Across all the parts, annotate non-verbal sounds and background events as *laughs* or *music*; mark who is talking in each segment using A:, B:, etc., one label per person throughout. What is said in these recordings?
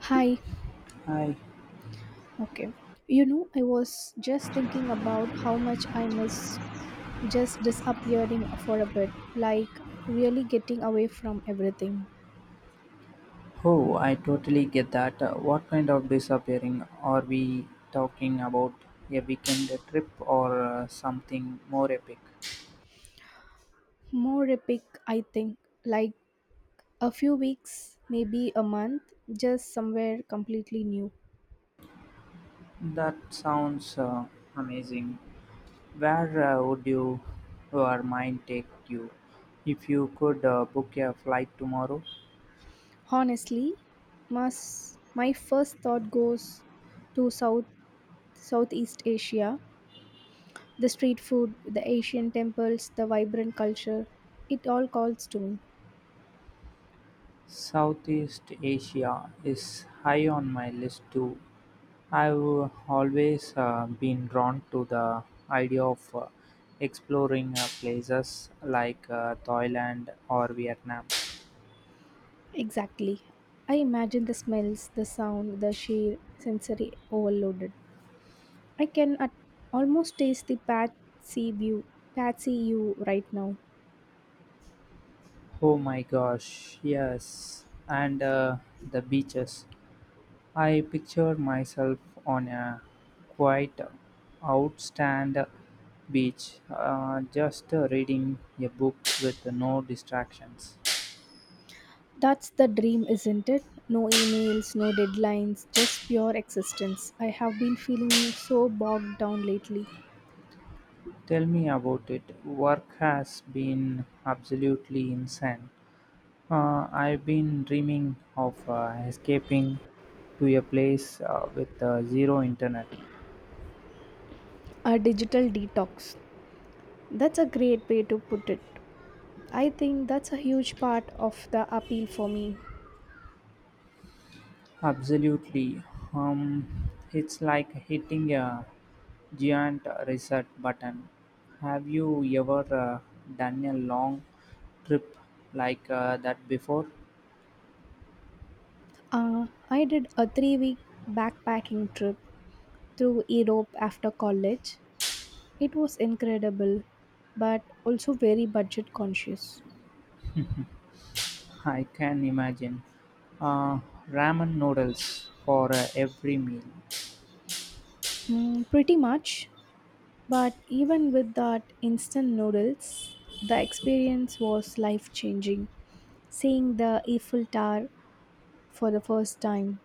A: Hi.
B: I
A: Okay. I was just thinking about how much I miss just disappearing for a bit, like really getting away from everything.
B: oh, I totally get that. What kind of disappearing are we talking about? A weekend trip or something more epic?
A: More epic, I think, like a few weeks, maybe a month, just somewhere completely new.
B: That sounds amazing. Where would you or mind take you if you could book a flight tomorrow?
A: Honestly, mas my first thought goes to Southeast Asia, the street food, the Asian temples, the vibrant culture. It all calls to me.
B: Southeast Asia is high on my list too. I've always been drawn to the idea of exploring places like Thailand or Vietnam.
A: Exactly. I imagine the smells, the sound, the sheer sensory overloaded. I can almost taste the patsy you right now.
B: Oh my gosh, yes, and the beaches. I picture myself on a quite outstand beach, just reading a book with no distractions.
A: That's the dream, isn't it? No emails, no deadlines, just pure existence. I have been feeling so bogged down lately.
B: Tell me about it. Work has been absolutely insane. I've been dreaming of escaping to a place with zero internet.
A: A digital detox. That's a great way to put it. I think that's a huge part of the appeal for me.
B: Absolutely. Um, it's like hitting a giant reset button. Have you ever done a long trip like that before?
A: I did a 3-week backpacking trip through Europe after college. It was incredible, but also very budget conscious.
B: I can imagine. Uh, Ramen noodles for every meal.
A: Mm, pretty much, but even with that instant noodles, the experience was life changing. Seeing the Eiffel Tower for the first time.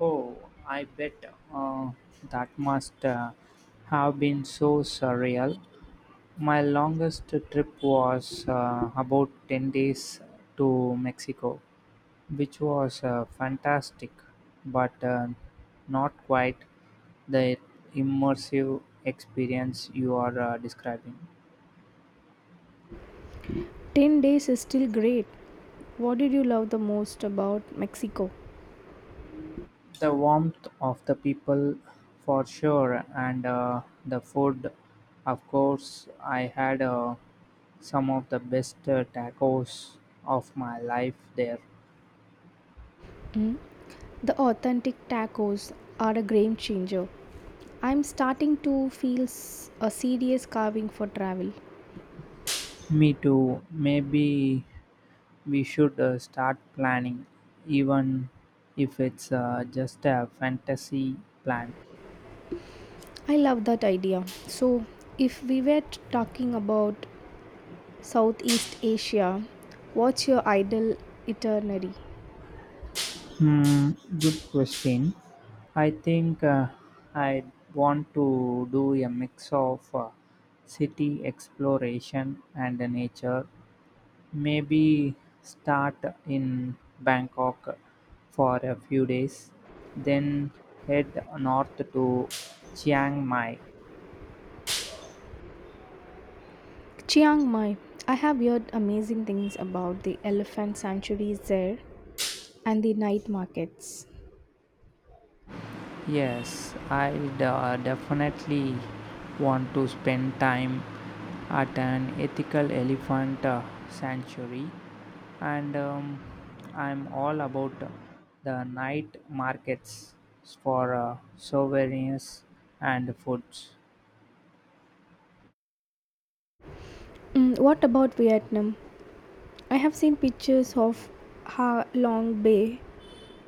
B: Oh, I bet uh, that must have been so surreal. My longest trip was about 10 days to Mexico, which was fantastic, but not quite the immersive experience you are describing.
A: 10 days is still great. What did you love the most about Mexico?
B: The warmth of the people, for sure, and the food, of course. I had some of the best tacos of my life there.
A: Mm. The authentic tacos are a game changer. I'm starting to feel a serious carving for travel.
B: Me too. Maybe we should start planning, even if it's just a fantasy plan.
A: I love that idea. So, if we were talking about Southeast Asia, what's your ideal itinerary?
B: Hmm, good question. I think I want to do a mix of city exploration and the nature. Maybe start in Bangkok for a few days, then head north to Chiang Mai.
A: Chiang Mai. I have heard amazing things about the elephant sanctuaries there and the night markets.
B: Yes, I definitely want to spend time at an ethical elephant sanctuary, and I'm all about the night markets for souvenirs and foods.
A: Mm, what about Vietnam? I have seen pictures of Ha Long Bay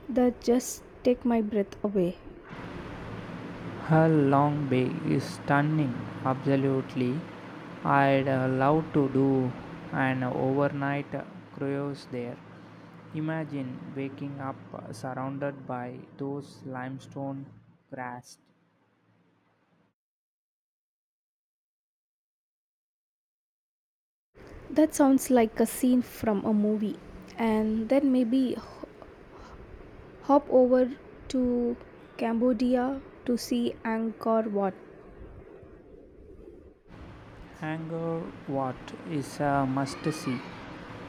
A: that just take my breath away.
B: Her long bay is stunning, absolutely. I'd love to do an overnight cruise there. Imagine waking up surrounded by those limestone grass.
A: That sounds like a scene from a movie. And then maybe hop over to Cambodia to see Angkor Wat.
B: Angkor Wat is a must see.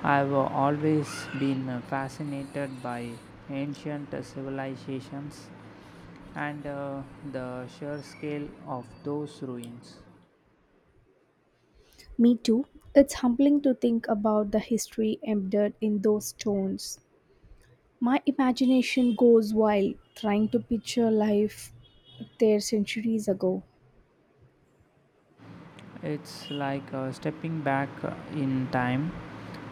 B: I've always been fascinated by ancient civilizations and the sheer scale of those ruins.
A: Me too. It's humbling to think about the history embedded in those stones. My imagination goes wild trying to picture life there centuries ago.
B: It's like stepping back in time.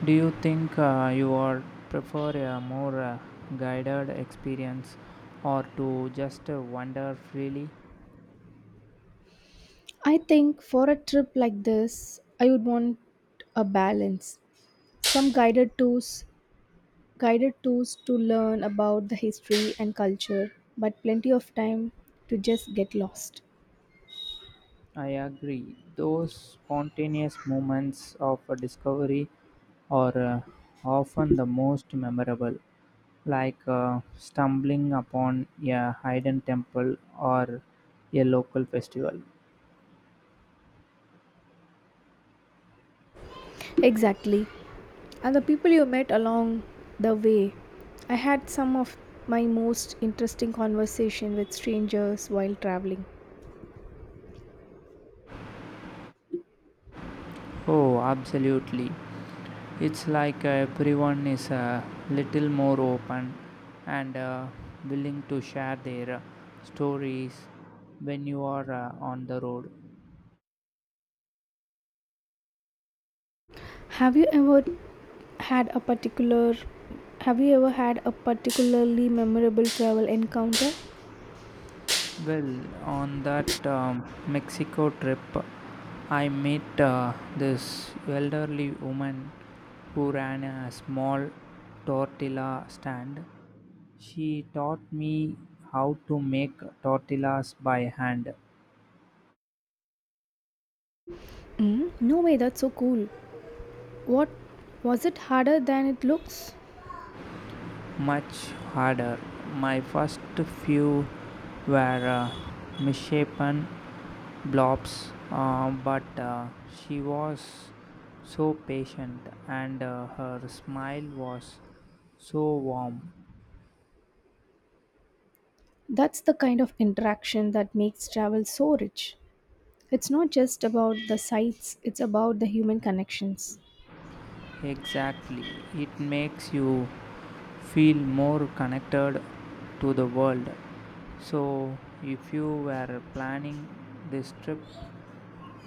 B: Do you think you are prefer a more guided experience or to just wander freely?
A: I think for a trip like this, I would want a balance. Some guided tours to learn about the history and culture, but plenty of time to just get lost.
B: I agree. Those spontaneous moments of discovery are often the most memorable, like stumbling upon a hidden temple or a local festival.
A: Exactly. And the people you met along the way. I had some of my most interesting conversation with strangers while traveling.
B: Oh, absolutely. It's like everyone is a little more open and willing to share their stories when you are on the road.
A: Have you ever had a particular have you ever had a particularly memorable travel encounter?
B: Well, on that Mexico trip, I met this elderly woman who ran a small tortilla stand. She taught me how to make tortillas by hand
A: Mm, no way, that's so cool. What was it harder than it looks?
B: much harder. My first few were misshapen blobs, but she was so patient and her smile was so warm.
A: That's the kind of interaction that makes travel so rich. It's not just about the sights, it's about the human connections.
B: Exactly, it makes you feel more connected to the world. So, if you were planning this trip,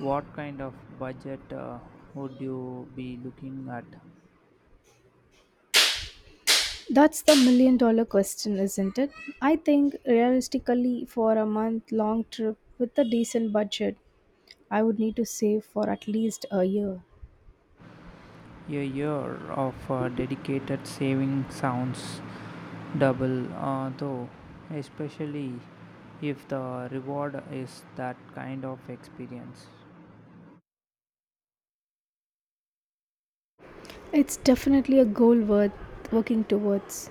B: what kind of budget would you be looking at?
A: That's the million dollar question, isn't it? I think realistically, for a month long trip with a decent budget, I would need to save for at least a year.
B: A year of dedicated saving sounds double, though, especially if the reward is that kind of experience.
A: It's definitely a goal worth working towards.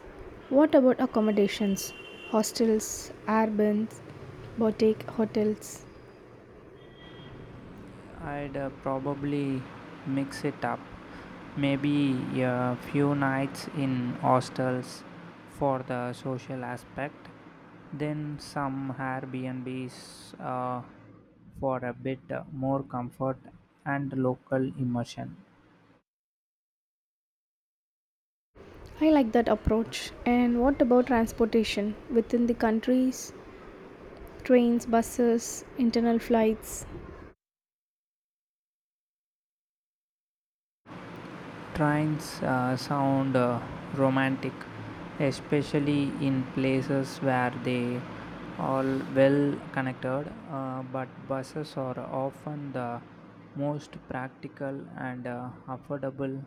A: What about accommodations? Hostels, Airbnbs, boutique hotels?
B: I'd probably mix it up. Maybe a few nights in hostels for the social aspect, then some Airbnbs for a bit more comfort and local immersion.
A: I like that approach. And what about transportation within the countries? Trains, buses, internal flights?
B: Trains sound romantic, especially in places where they are well connected, but buses are often the most practical and affordable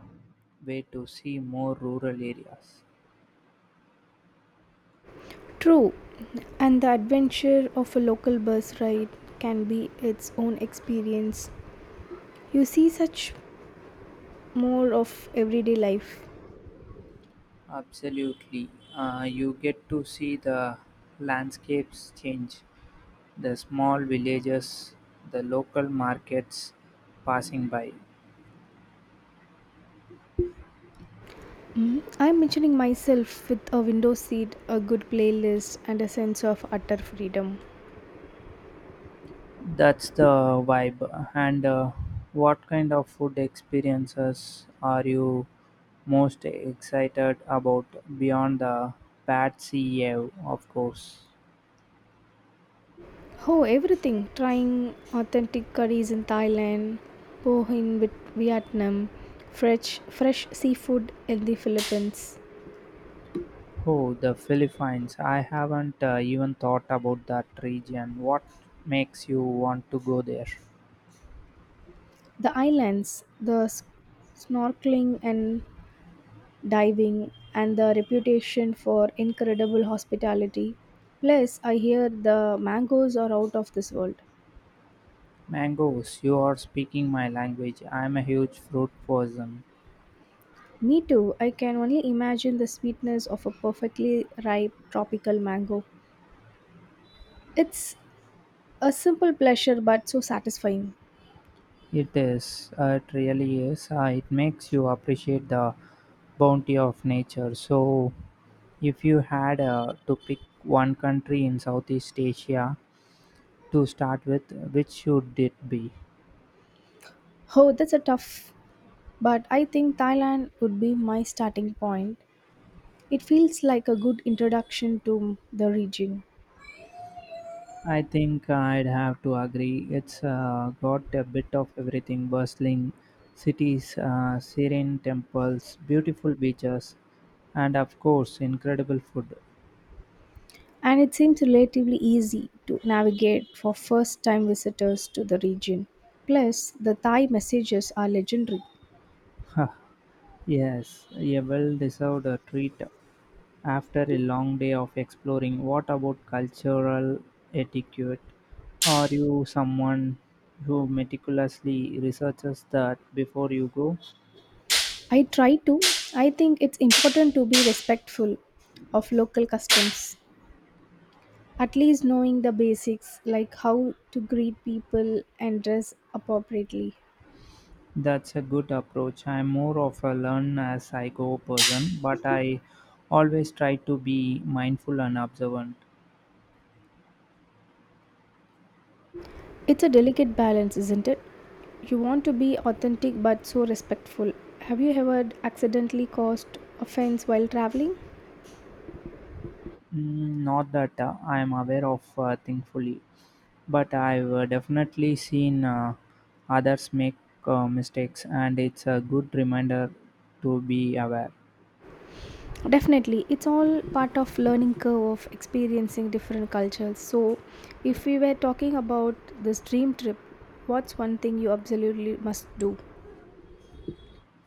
B: way to see more rural areas.
A: True, and the adventure of a local bus ride can be its own experience. You see such more of everyday life.
B: Absolutely. You get to see the landscapes change, the small villages, the local markets passing by.
A: Mm, I'm mentioning myself with a window seat, a good playlist, and a sense of utter freedom.
B: That's the vibe. And what kind of food experiences are you most excited about beyond the Patsy Ave, of course?
A: Oh, everything! Trying authentic curries in Thailand, poh in Vietnam, fresh seafood in the Philippines,
B: Oh, the Philippines. I haven't even thought about that region. What makes you want to go there?
A: the islands, the snorkeling and diving, and the reputation for incredible hospitality. Plus, I hear the mangoes are out of this world.
B: Mangoes, you are speaking my language. I'm a huge fruit person.
A: Me too, I can only imagine the sweetness of a perfectly ripe tropical mango. It's a simple pleasure but so satisfying.
B: It is, it really is. It makes you appreciate the bounty of nature. So, if you had to pick one country in Southeast Asia to start with, which should it be?
A: Oh, that's a tough, but I think Thailand would be my starting point. It feels like a good introduction to the region.
B: I think I'd have to agree. It's got a bit of everything bustling cities, serene temples, beautiful beaches, and of course, incredible food.
A: And it seems relatively easy to navigate for first time visitors to the region. Plus, the Thai messages are legendary.
B: *laughs* Yes, a well deserved treat. After a long day of exploring, what about cultural etiquette? Are you someone who meticulously researches that before you go?
A: I try to, I think it's important to be respectful of local customs. At least knowing the basics like how to greet people and dress appropriately.
B: That's a good approach. I'm more of a learn as I go person, but I always try to be mindful and observant.
A: It's a delicate balance, isn't it? You want to be authentic but so respectful. Have you ever accidentally caused offense while traveling?
B: Mm, not that I am aware of, thankfully, but I've definitely seen others make mistakes, and it's a good reminder to be aware.
A: Definitely, it's all part of learning curve of experiencing different cultures. So, if we were talking about this dream trip, what's one thing you absolutely must do?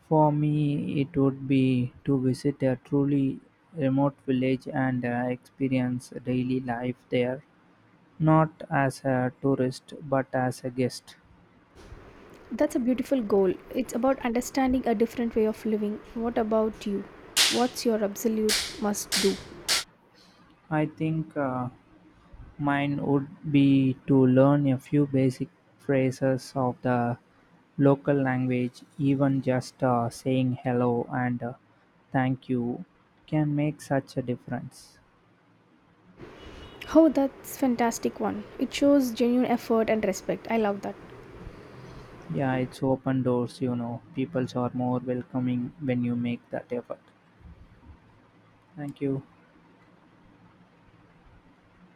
B: For me, it would be to visit a truly remote village and experience daily life there, not as a tourist but as a guest.
A: That's a beautiful goal. It's about understanding a different way of living. What about you? What's your absolute must do?
B: I think. Mine would be to learn a few basic phrases of the local language, even just saying hello and thank you can make such a difference.
A: Oh, that's fantastic one. It shows genuine effort and respect. I love that.
B: Yeah, it's open doors, People are more welcoming when you make that effort. Thank you.